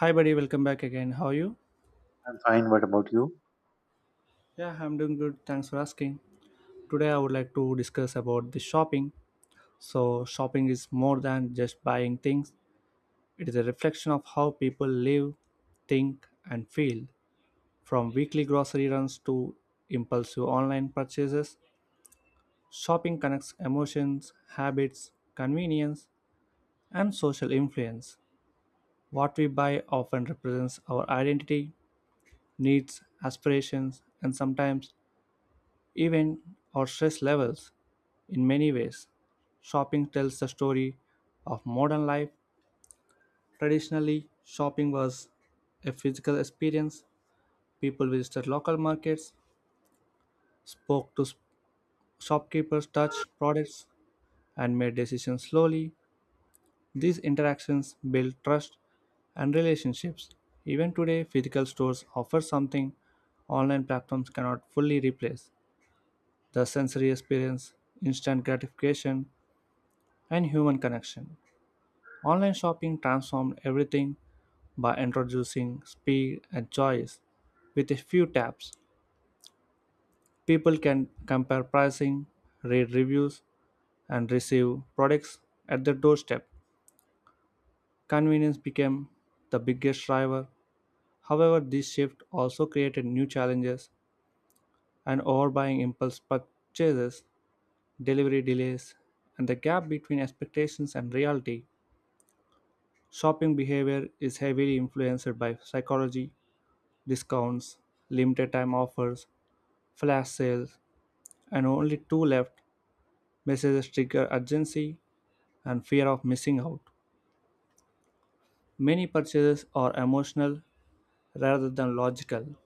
Hi, buddy. Welcome back again. How are you? I'm fine. What about you? Yeah, I'm doing good. Thanks for asking. Today, I would like to discuss about the shopping. So, shopping is more than just buying things. It is a reflection of how people live, think, and feel. From weekly grocery runs to impulsive online purchases, shopping connects emotions, habits, convenience, and social influence. What we buy often represents our identity, needs, aspirations, and sometimes event, or stress levels. In many ways, shopping tells the story of modern life. Traditionally, shopping was a physical experience. People visited local markets, spoke to shopkeepers, touched products, and made decisions slowly. These interactions built trust and relationships. Even today, physical stores offer something online platforms cannot fully replace the sensory experience, instant gratification, and human connection. Online shopping transformed everything by introducing speed and choice. With a few taps, people can compare pricing, read reviews, and receive products at their doorstep. Convenience became the biggest driver. However, this shift also created new challenges and overbuying impulse purchases, delivery delays, and the gap between expectations and reality. Shopping behavior is heavily influenced by psychology discounts, limited time offers, flash sales, and only two left messages trigger urgency and fear of missing out. Many purchases are emotional rather than logical.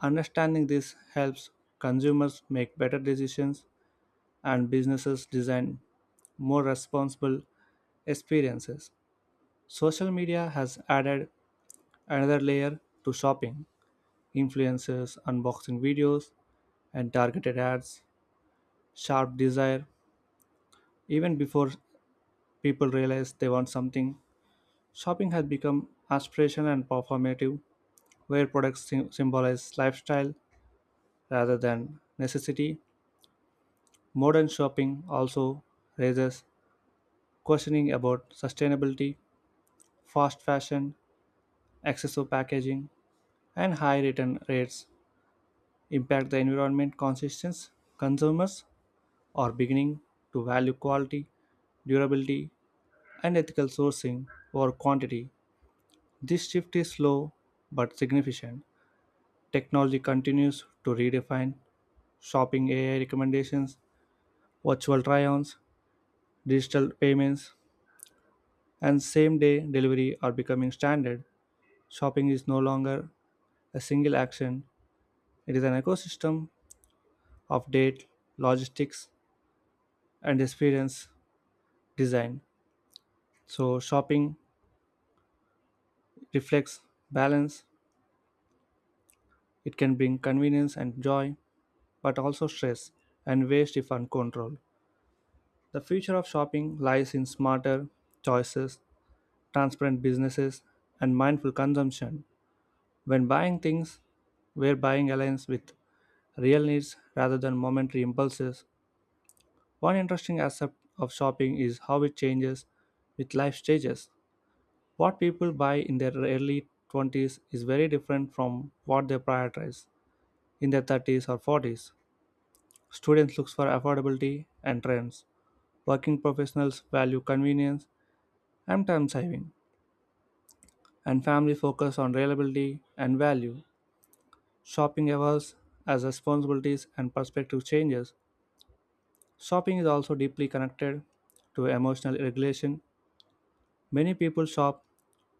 Understanding this helps consumers make better decisions and businesses design more responsible experiences. Social media has added another layer to shopping influencers, unboxing videos, and targeted ads, sharp desire. Even before people realize they want something, shopping has become aspirational and performative, where products symbolize lifestyle rather than necessity. Modern shopping also raises questioning about sustainability, fast fashion, excessive packaging, and high return rates impact the environment conscious consumers are beginning to value quality, durability, and ethical sourcing over quantity. This shift is slow but significant. Technology continues to redefine shopping AI recommendations, virtual try ons, digital payments, and same day delivery are becoming standard. Shopping is no longer a single action, it is an ecosystem of date, logistics, and experience design. So, shopping reflects balance, it can bring convenience and joy, but also stress and waste if uncontrolled. The future of shopping lies in smarter choices, transparent businesses, and mindful consumption. When buying things, where buying aligns with real needs rather than momentary impulses. One interesting aspect of shopping is how it changes with life stages. What people buy in their early 20s is very different from what they prioritize in their 30s or 40s. Students look for affordability and trends. Working professionals value convenience and time saving, and family focus on reliability and value. Shopping evolves as responsibilities and perspective changes. Shopping is also deeply connected to emotional regulation. Many people shop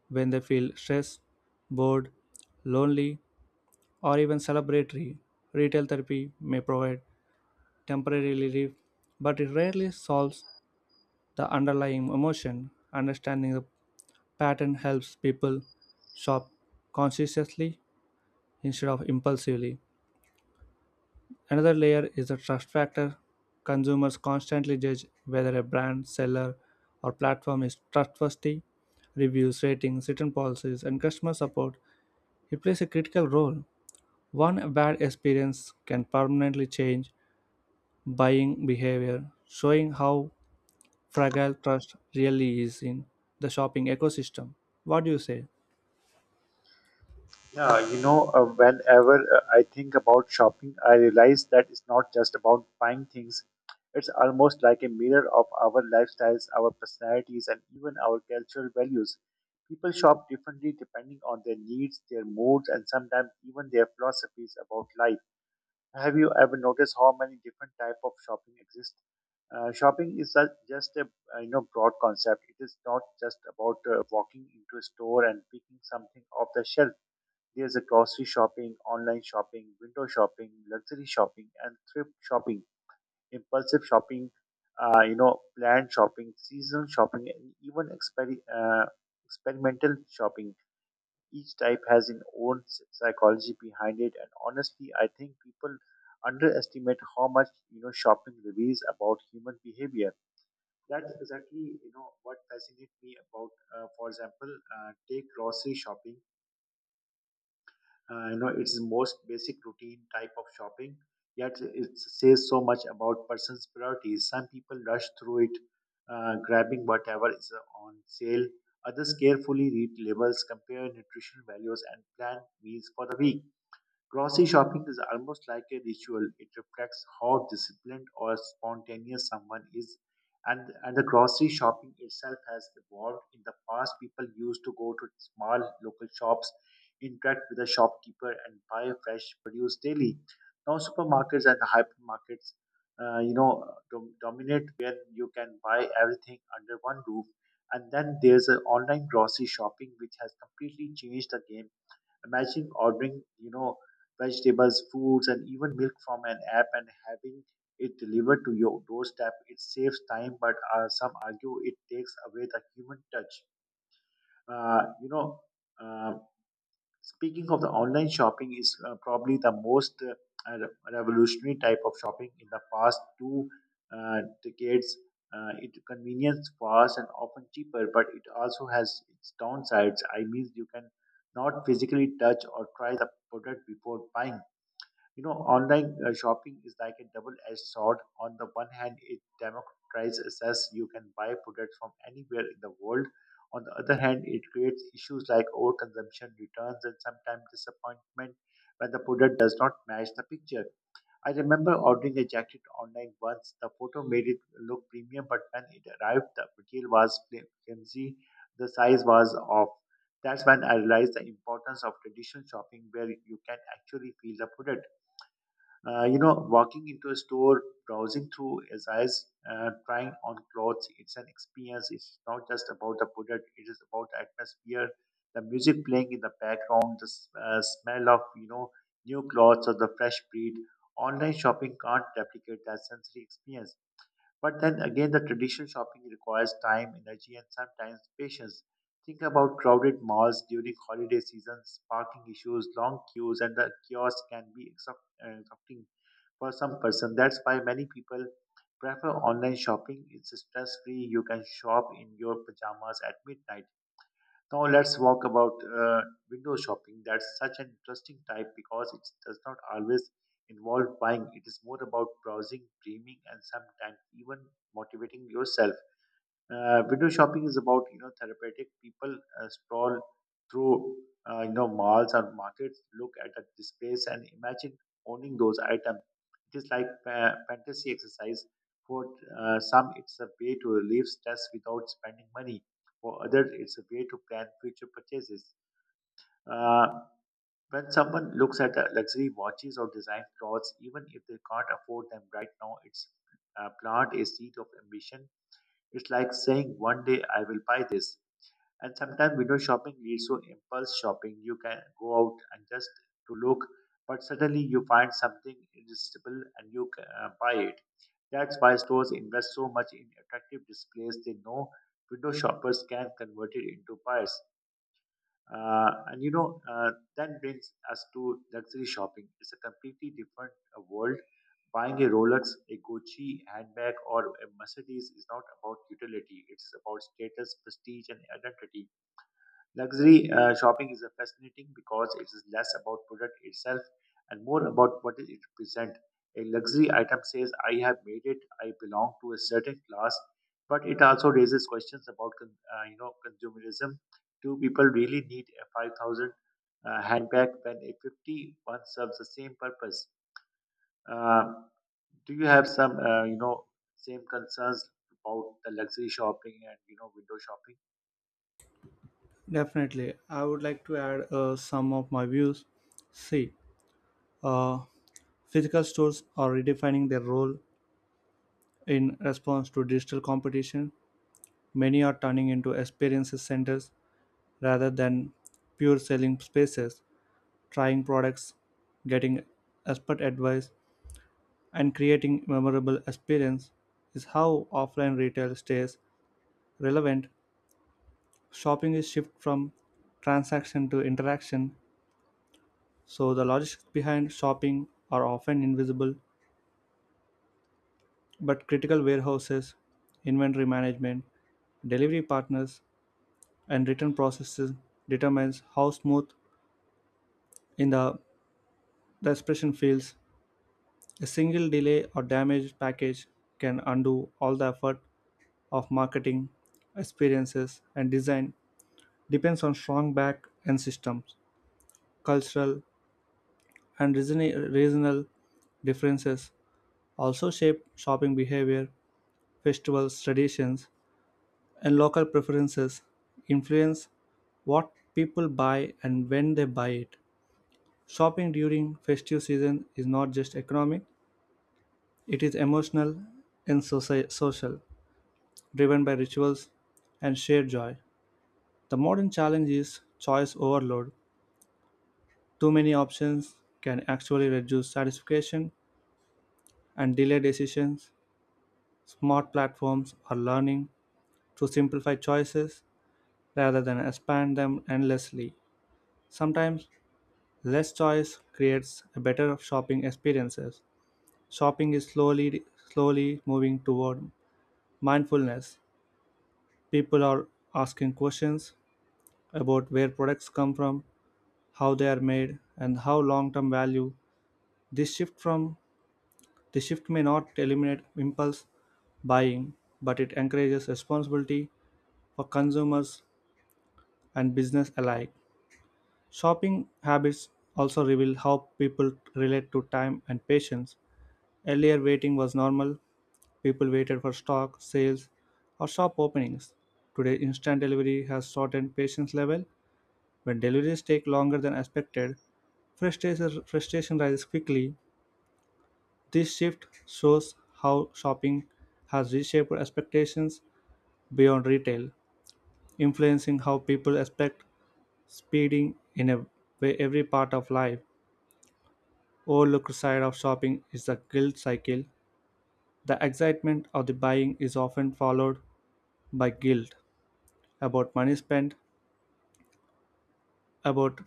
when they feel stressed, bored, lonely, or even celebratory. Retail therapy may provide temporary relief, but it rarely solves the underlying emotion. Understanding the pattern helps people shop consciously instead of impulsively. Another layer is the trust factor. Consumers constantly judge whether a brand, seller, or platform is trustworthy. Reviews, ratings, written policies, and customer support it plays a critical role. One bad experience can permanently change buying behavior, showing how fragile trust really is in the shopping ecosystem. What do you say? Yeah, whenever I think about shopping, I realize that it's not just about buying things. It's almost like a mirror of our lifestyles, our personalities, and even our cultural values. People shop differently depending on their needs, their moods, and sometimes even their philosophies about life. Have you ever noticed how many different type of shopping exist? Shopping is just a broad concept. It is not just about walking into a store and picking something off the shelf. There's a grocery shopping, online shopping, window shopping, luxury shopping, and thrift shopping, impulsive shopping, planned shopping, seasonal shopping, and even experimental shopping. Each type has its own psychology behind it, and honestly, I think people underestimate how much shopping reveals about human behavior. That's exactly what fascinates me about. For example, take grocery shopping. It's the most basic routine type of shopping, yet it says so much about person's priorities. Some people rush through it, grabbing whatever is on sale. Others carefully read labels, compare nutrition values, and plan meals for the week. Grocery shopping is almost like a ritual. It reflects how disciplined or spontaneous someone is. And the grocery shopping itself has evolved. In the past, people used to go to small local shops, interact with a shopkeeper, and buy fresh produce daily. Now, supermarkets and hypermarkets, uh, you know, dominate where you can buy everything under one roof. And then there's an online grocery shopping, which has completely changed the game. Imagine ordering, vegetables, foods, and even milk from an app and having it delivered to your doorstep. It saves time, but some argue it takes away the human touch. Uh, you know, uh, Speaking of the online shopping is probably the most revolutionary type of shopping in the past 2 decades. It convenience fast and often cheaper, but it also has its downsides. I mean, you can not physically touch or try the product before buying. Online shopping is like a double-edged sword. On the one hand, it democratizes access. You can buy products from anywhere in the world. On the other hand, it creates issues like overconsumption, returns, and sometimes disappointment when the product does not match the picture. I remember ordering a jacket online once. The photo made it look premium, but when it arrived, the material was flimsy, the size was off. That's when I realized the importance of traditional shopping where you can actually feel the product. Walking into a store, browsing through his eyes, trying on clothes, it's an experience. It's not just about the product, it is about the atmosphere, the music playing in the background, the smell of, new clothes or the fresh breed. Online shopping can't replicate that sensory experience. But then again, the traditional shopping requires time, energy, and sometimes patience. Think about crowded malls during holiday seasons, parking issues, long queues, and the kiosks can be exhausting for some person. That's why many people prefer online shopping. It's stress free. You can shop in your pajamas at midnight. Now let's walk about window shopping. That's such an interesting type because it does not always involve buying. It is more about browsing, dreaming, and sometimes even motivating yourself. Window shopping is about therapeutic. People sprawl through malls or markets, look at the displays, and imagine owning those items. It is like fantasy exercise for some. It's a way to relieve stress without spending money. For others, it's a way to plan future purchases. Uh, when someone looks at luxury watches or design clothes, even if they can't afford them right now, it's plant a seed of ambition. It's like saying, one day I will buy this. And sometimes window shopping leads to impulse shopping. You can go out and just to look, but suddenly you find something irresistible and you buy it. That's why stores invest so much in attractive displays. They know window shoppers can convert it into buyers. And that brings us to luxury shopping. It's a completely different world. Buying a Rolex, a Gucci handbag, or a Mercedes is not about utility. It's about status, prestige, and identity. Luxury shopping is fascinating because it is less about product itself and more about what it represents. A luxury item says, "I have made it. I belong to a certain class," but it also raises questions about consumerism. Do people really need a 5,000 handbag when a fifty one serves the same purpose? Uh, do you have some same concerns about the luxury shopping and window shopping? Definitely. I would like to add some of my views. See, uh, physical stores are redefining their role in response to digital competition. Many are turning into experiences centers rather than pure selling spaces, trying products, getting expert advice, and creating memorable experience is how offline retail stays relevant. Shopping is shift from transaction to interaction, so the logistics behind shopping are often invisible, but critical warehouses, inventory management, delivery partners, and written processes determines how smooth in the, the expression feels. A single delay or damaged package can undo all the effort of marketing, experiences, and design depends on strong back end systems. Cultural and regional differences also shape shopping behavior, festivals, traditions, and local preferences influence what people buy and when they buy it. Shopping during festive season is not just economic, it is emotional and social, driven by rituals and shared joy. The modern challenge is choice overload. Too many options can actually reduce satisfaction and delay decisions. Smart platforms are learning to simplify choices rather than expand them endlessly. Sometimes less choice creates a better shopping experiences. Shopping is slowly moving toward mindfulness. People are asking questions about where products come from, how they are made, and how long-term value. This shift from this shift may not eliminate impulse buying, but it encourages responsibility for consumers and business alike. Shopping habits also reveal how people relate to time and patience. Earlier, waiting was normal. People waited for stock, sales, or shop openings. Today, instant delivery has shortened patience level. When deliveries take longer than expected, frustration rises quickly. This shift shows how shopping has reshaped expectations beyond retail, influencing how people expect speeding in a way every part of life. Overlooked side of shopping is the guilt cycle. The excitement of the buying is often followed by guilt about money spent, about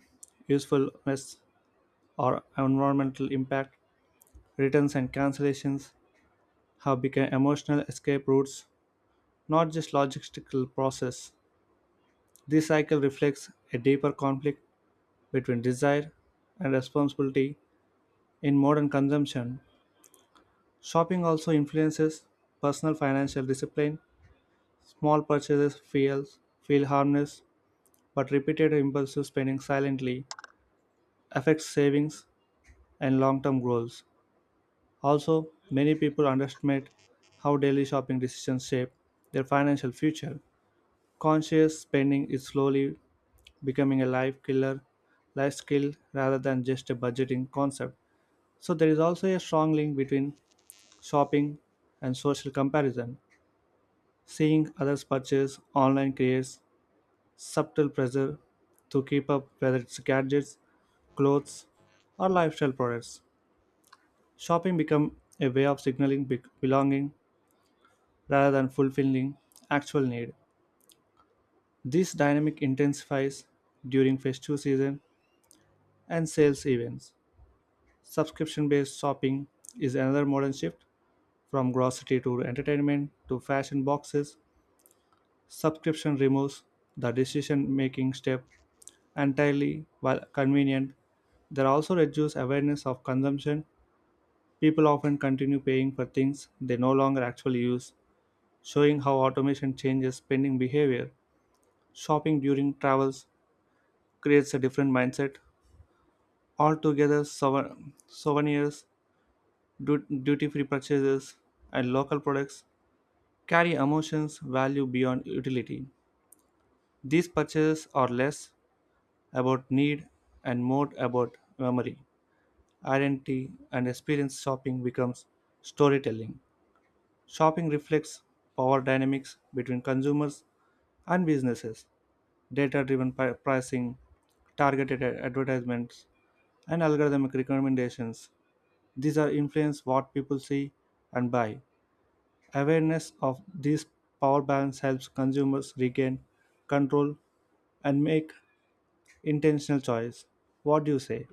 usefulness or environmental impact, returns and cancellations have become emotional escape routes, not just logistical process. This cycle reflects a deeper conflict between desire and responsibility in modern consumption. Shopping also influences personal financial discipline. Small purchases feel harmless, but repeated impulsive spending silently affects savings and long-term goals. Also, many people underestimate how daily shopping decisions shape their financial future. Conscious spending is slowly becoming a life skill rather than just a budgeting concept. So there is also a strong link between shopping and social comparison. Seeing others purchase online creates subtle pressure to keep up whether it's gadgets, clothes, or lifestyle products. Shopping becomes a way of signaling belonging rather than fulfilling actual need. This dynamic intensifies during festive season and sales events. Subscription based shopping is another modern shift from grocery to entertainment to fashion boxes. Subscription removes the decision making step entirely while convenient. There also reduced awareness of consumption. People often continue paying for things they no longer actually use, showing how automation changes spending behavior. Shopping during travels creates a different mindset. Altogether, souvenirs, duty free purchases, and local products carry emotions value beyond utility. These purchases are less about need and more about memory, identity, and experience. Shopping becomes storytelling. Shopping reflects power dynamics between consumers and businesses, data driven pricing, targeted advertisements, and algorithmic recommendations. These are influence what people see and buy. Awareness of this power balance helps consumers regain control and make intentional choice. What do you say?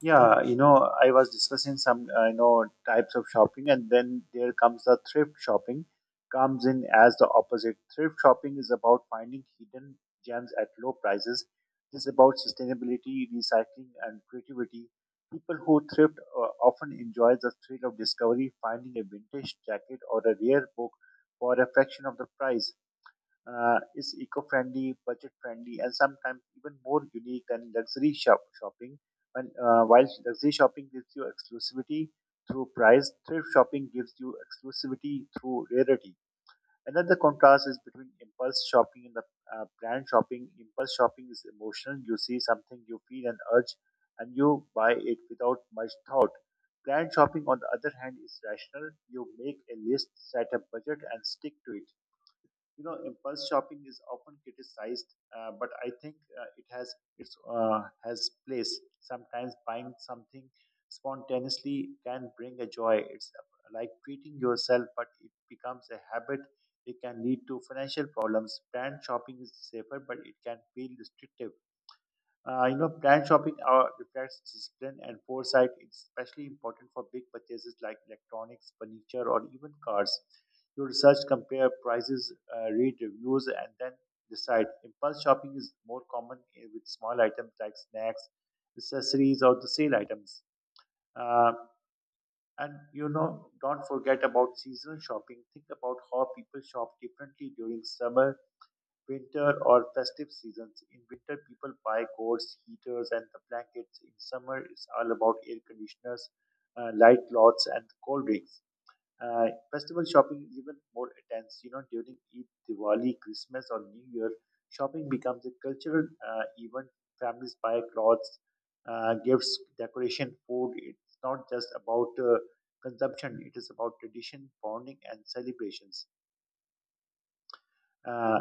Yeah, I was discussing some, types of shopping, and then there comes the thrift shopping, comes in as the opposite. Thrift shopping is about finding hidden gems at low prices. It's about sustainability, recycling, and creativity. People who thrift often enjoy the thrill of discovery, finding a vintage jacket or a rare book for a fraction of the price. Uh, is eco-friendly, budget-friendly, and sometimes even more unique than luxury shopping. And while luxury shopping gives you exclusivity through price, thrift shopping gives you exclusivity through rarity. Another contrast is between impulse shopping and the planned shopping. Impulse shopping is emotional. You see something, you feel an urge, and you buy it without much thought. Planned shopping, on the other hand, is rational. You make a list, set a budget, and stick to it. Impulse shopping is often criticized, but I think, it has its has place. Sometimes buying something spontaneously can bring a joy. It's like treating yourself, but it becomes a habit, it can lead to financial problems. Planned shopping is safer, but it can feel restrictive. Plan shopping reflects discipline and foresight. It's especially important for big purchases like electronics, furniture, or even cars. You research, compare prices, read reviews, and then decide. Impulse shopping is more common with small items like snacks, accessories, or the sale items. Uh, and don't forget about seasonal shopping. Think about how people shop differently during summer, winter, or festive seasons. In winter, people buy coats, heaters, and the blankets. In summer, it's all about air conditioners, light clothes, and cold drinks. Uh, festival shopping is even more intense. You know, during Eid, Diwali, Christmas, or New Year, shopping becomes a cultural event. Families buy clothes, gifts, decoration, food. It's not just about consumption; it is about tradition, bonding, and celebrations. Uh,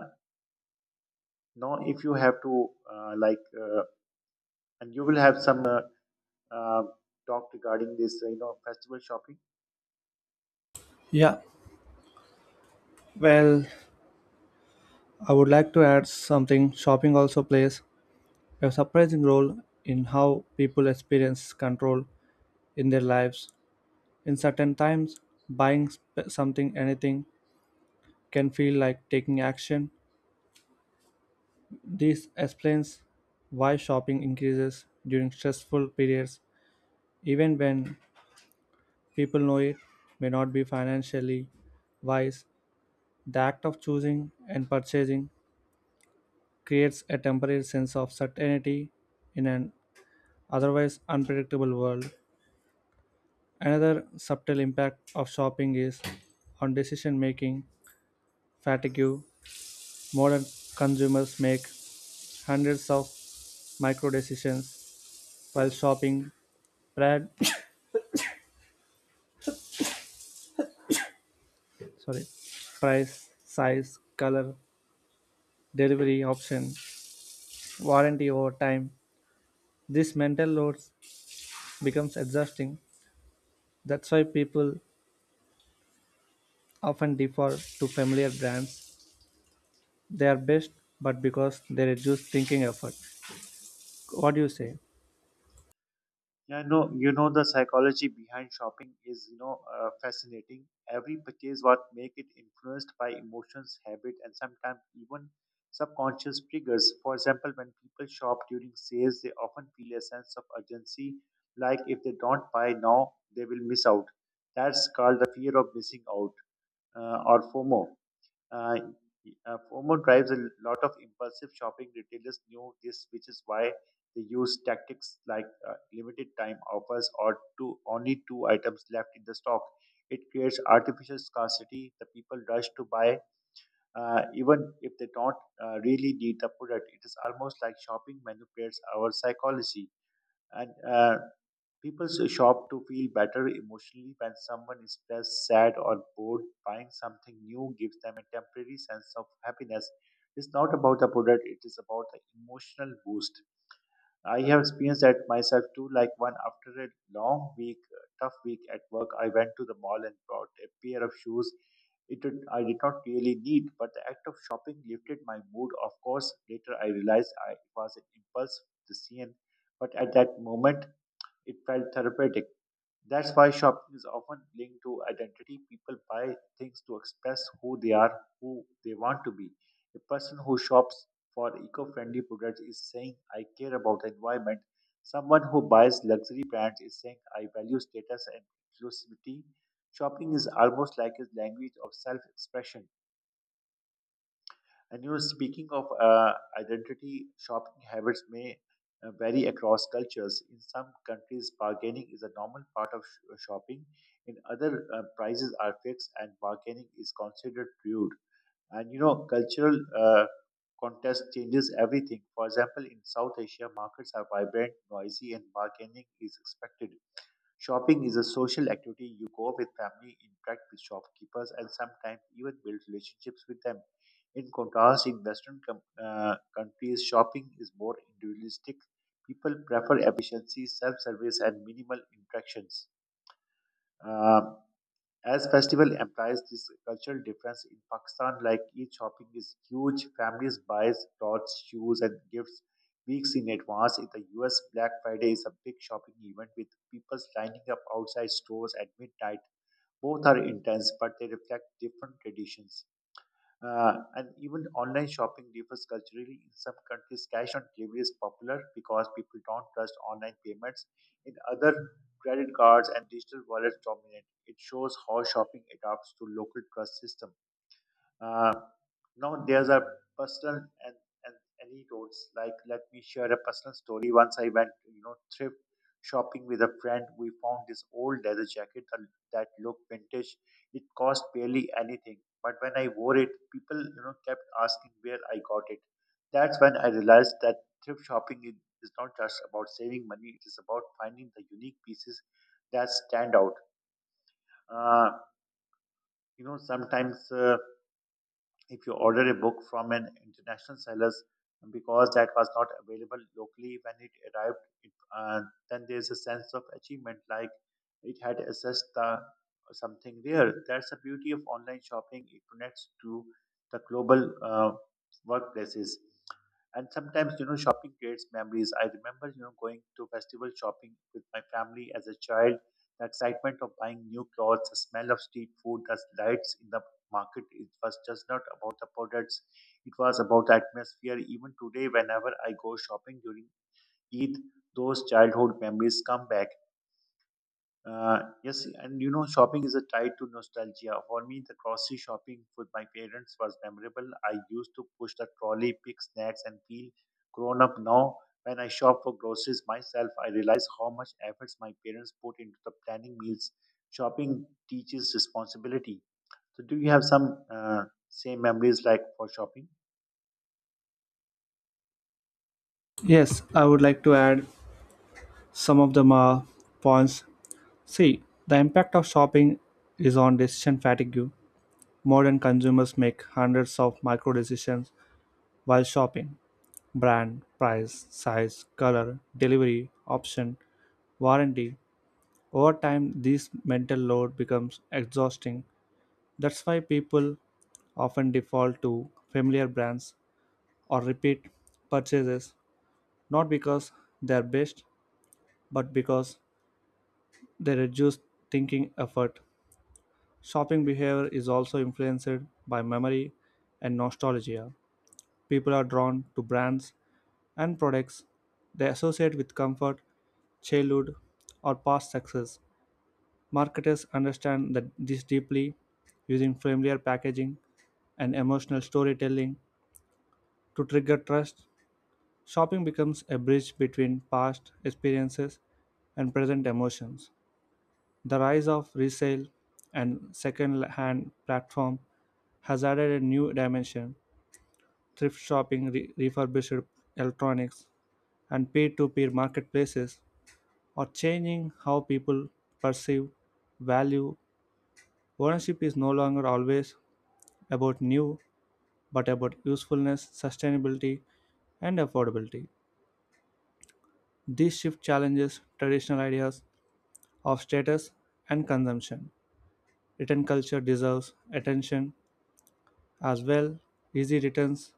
now, if you have to like, and you will have some uh, talk regarding this, festival shopping. Yeah. Well, I would like to add something. Shopping also plays a surprising role in how people experience control in their lives. In certain times, buying something, anything, can feel like taking action. This explains why shopping increases during stressful periods, even when people know it may not be financially wise. The act of choosing and purchasing creates a temporary sense of certainty in an otherwise unpredictable world. Another subtle impact of shopping is on decision making fatigue. Modern consumers make hundreds of micro decisions while shopping brand, sorry, price, size, color, delivery option, warranty over time. This mental load becomes exhausting. That's why people often default to familiar brands. They are best, but because they reduce thinking effort. What do you say? Yeah, no, the psychology behind shopping is, fascinating. Every purchase what make it influenced by emotions, habit, and sometimes even subconscious triggers. For example, when people shop during sales, they often feel a sense of urgency, like if they don't buy now, they will miss out. That's called the fear of missing out, or FOMO. Uh, FOMO drives a lot of impulsive shopping. Retailers knew this, which is why they use tactics like limited time offers, or two only two items left in the stock. It creates artificial scarcity. The people rush to buy, even if they don't really need the product. It is almost like shopping manipulates our psychology. And people shop to feel better emotionally when someone is stressed, sad, or bored. Buying something new gives them a temporary sense of happiness. It's not about the product, it is about the emotional boost. I have experienced that myself too, like one after a long week, tough week at work, I went to the mall and bought a pair of shoes I did not really need, but the act of shopping lifted my mood. Of course, later I realized it was an impulse decision, but at that moment it felt therapeutic. That's why shopping is often linked to identity. People buy things to express who they are, who they want to be. A person who shops for eco friendly products is saying, I care about the environment. Someone who buys luxury brands is saying, I value status and inclusivity. Shopping is almost like a language of self expression. And speaking of identity, shopping habits may vary across cultures. In some countries, bargaining is a normal part of shopping. In other, prices are fixed and bargaining is considered rude. And you know, cultural contest changes everything. For example, in South Asia, markets are vibrant, noisy, and bargaining is expected. Shopping is a social activity. You go with family, interact with shopkeepers, and sometimes even build relationships with them. In contrast, in Western countries, shopping is more individualistic. People prefer efficiency, self service, and minimal interactions. Um, as festival implies this cultural difference in Pakistan, like Eid shopping is huge, families buys clothes, shoes, and gifts weeks in advance. In the US, Black Friday is a big shopping event with people lining up outside stores at midnight. Both are intense, but they reflect different traditions. And even online shopping differs culturally. In some countries, cash on delivery is popular because people don't trust online payments. In other, credit cards and digital wallets dominate. It shows how shopping adapts to local trust system. Uh, no, there's a personal and anecdotes. Like, let me share a personal story. Once I went, you know, thrift shopping with a friend. We found this old leather jacket that looked vintage. It cost barely anything, but when I wore it, people, you know, kept asking where I got it. That's when I realized that thrift shopping is not just about saving money. It is about finding the unique pieces that stand out. Uh, sometimes, if you order a book from an international sellers because that was not available locally when it arrived it, then there's a sense of achievement like it had assessed the something there. That's the beauty of online shopping. It connects to the global workplaces. And sometimes, you know, shopping creates memories. I remember, you know, going to festival shopping with my family as a child. The excitement of buying new clothes, the smell of street food, the lights in the market. It was just not about the products, it was about the atmosphere. Even today, whenever I go shopping during Eid, those childhood memories come back. Yes, and you know, shopping is a tie to nostalgia. For me, the grocery shopping with my parents was memorable. I used to push the trolley, pick snacks, and feel grown up now. When I shop for groceries myself, I realize how much efforts my parents put into the planning meals. Shopping teaches responsibility. So do you have some same memories like for shopping? Yes, I would like to add some of the ma points. See, the impact of shopping is on decision fatigue. Modern consumers make hundreds of micro decisions while shopping brand, price, size, color, delivery, option, warranty. Over time, this mental load becomes exhausting. That's why people often default to familiar brands or repeat purchases not because they're best, but because they reduce thinking effort. Shopping behavior is also influenced by memory and nostalgia. People are drawn to brands and products they associate with comfort, childhood, or past success. Marketers understand that this deeply using familiar packaging and emotional storytelling to trigger trust. Shopping becomes a bridge between past experiences and present emotions. The rise of resale and second hand platform has added a new dimension. Thrift shopping, refurbished electronics, and peer to peer marketplaces are changing how people perceive value. Ownership is no longer always about new, but about usefulness, sustainability, and affordability. This shift challenges traditional ideas of status and consumption. Written culture deserves attention as well. Easy returns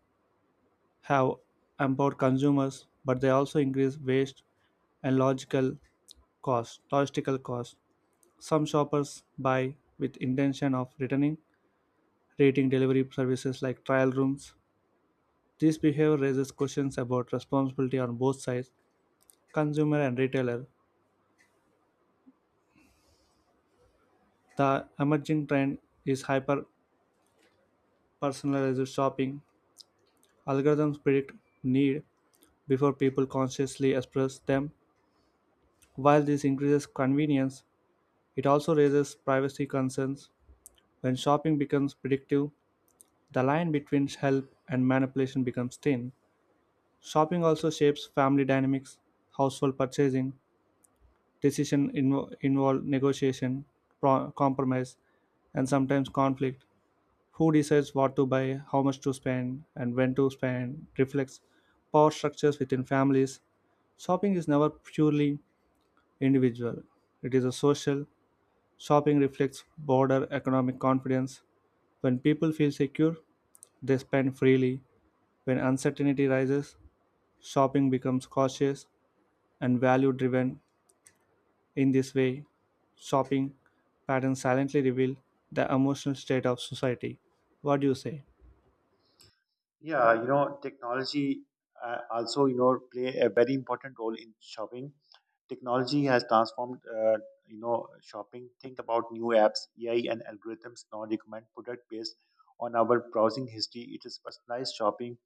have empowered consumers, but they also increase waste and logistical cost. Some shoppers buy with intention of returning, rating delivery services like trial rooms. This behavior raises questions about responsibility on both sides, consumer and retailer. The emerging trend is hyper personalized shopping. Algorithms predict need before people consciously express them. While this increases convenience, it also raises privacy concerns. When shopping becomes predictive, the line between help and manipulation becomes thin. Shopping also shapes family dynamics, household purchasing, decision involve negotiation, compromise, and sometimes conflict. Who decides what to buy, how much to spend, and when to spend reflects power structures within families. Shopping is never purely individual, it is a social. Shopping reflects broader economic confidence. When people feel secure, they spend freely. When uncertainty rises, shopping becomes cautious and value driven. In this way, shopping patterns silently reveal the emotional state of society. What do you say? Yeah, you know, technology also, you know, play a very important role in shopping. Technology has transformed, you know, shopping. Think about new apps, AI, and algorithms now recommend product based on our browsing history. It is personalized shopping,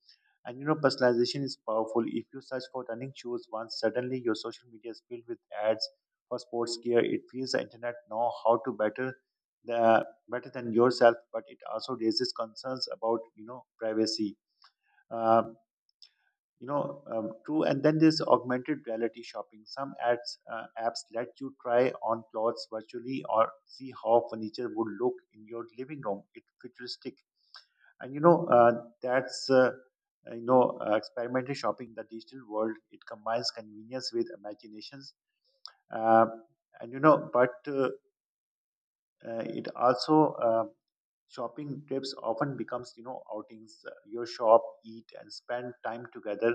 and you know, personalization is powerful. If you search for running shoes once, suddenly your social media is filled with ads for sports gear. It feels the internet know how to better the better than yourself, but it also raises concerns about, you know, privacy. uh, True. And then there's augmented reality shopping. Some ads, apps let you try on clothes virtually or see how furniture would look in your living room. It's futuristic. And you know, that's experimental shopping, the digital world. It combines convenience with imaginations. Uh, and you know but it also Shopping trips often becomes, you know, outings. You shop, eat, and spend time together.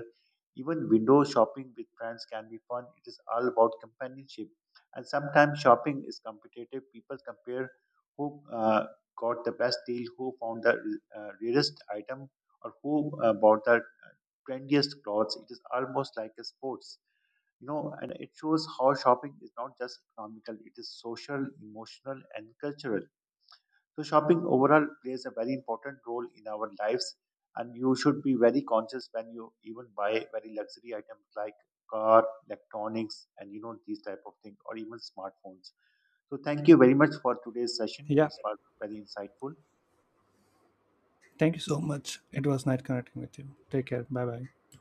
Even window shopping with friends can be fun. It is all about companionship. And sometimes shopping is competitive. People compare who got the best deal, who found the rarest item, or who bought the trendiest clothes. It is almost like a sports, you know. And it shows how shopping is not just economical, it is social, emotional, and cultural. So, shopping overall plays a very important role in our lives, and you should be very conscious when you even buy very luxury items like car, electronics, and you know these type of things, or even smartphones. So, thank you very much for today's session. Yeah, It was very insightful. thank you so much. It was nice connecting with you. Take care. Bye bye.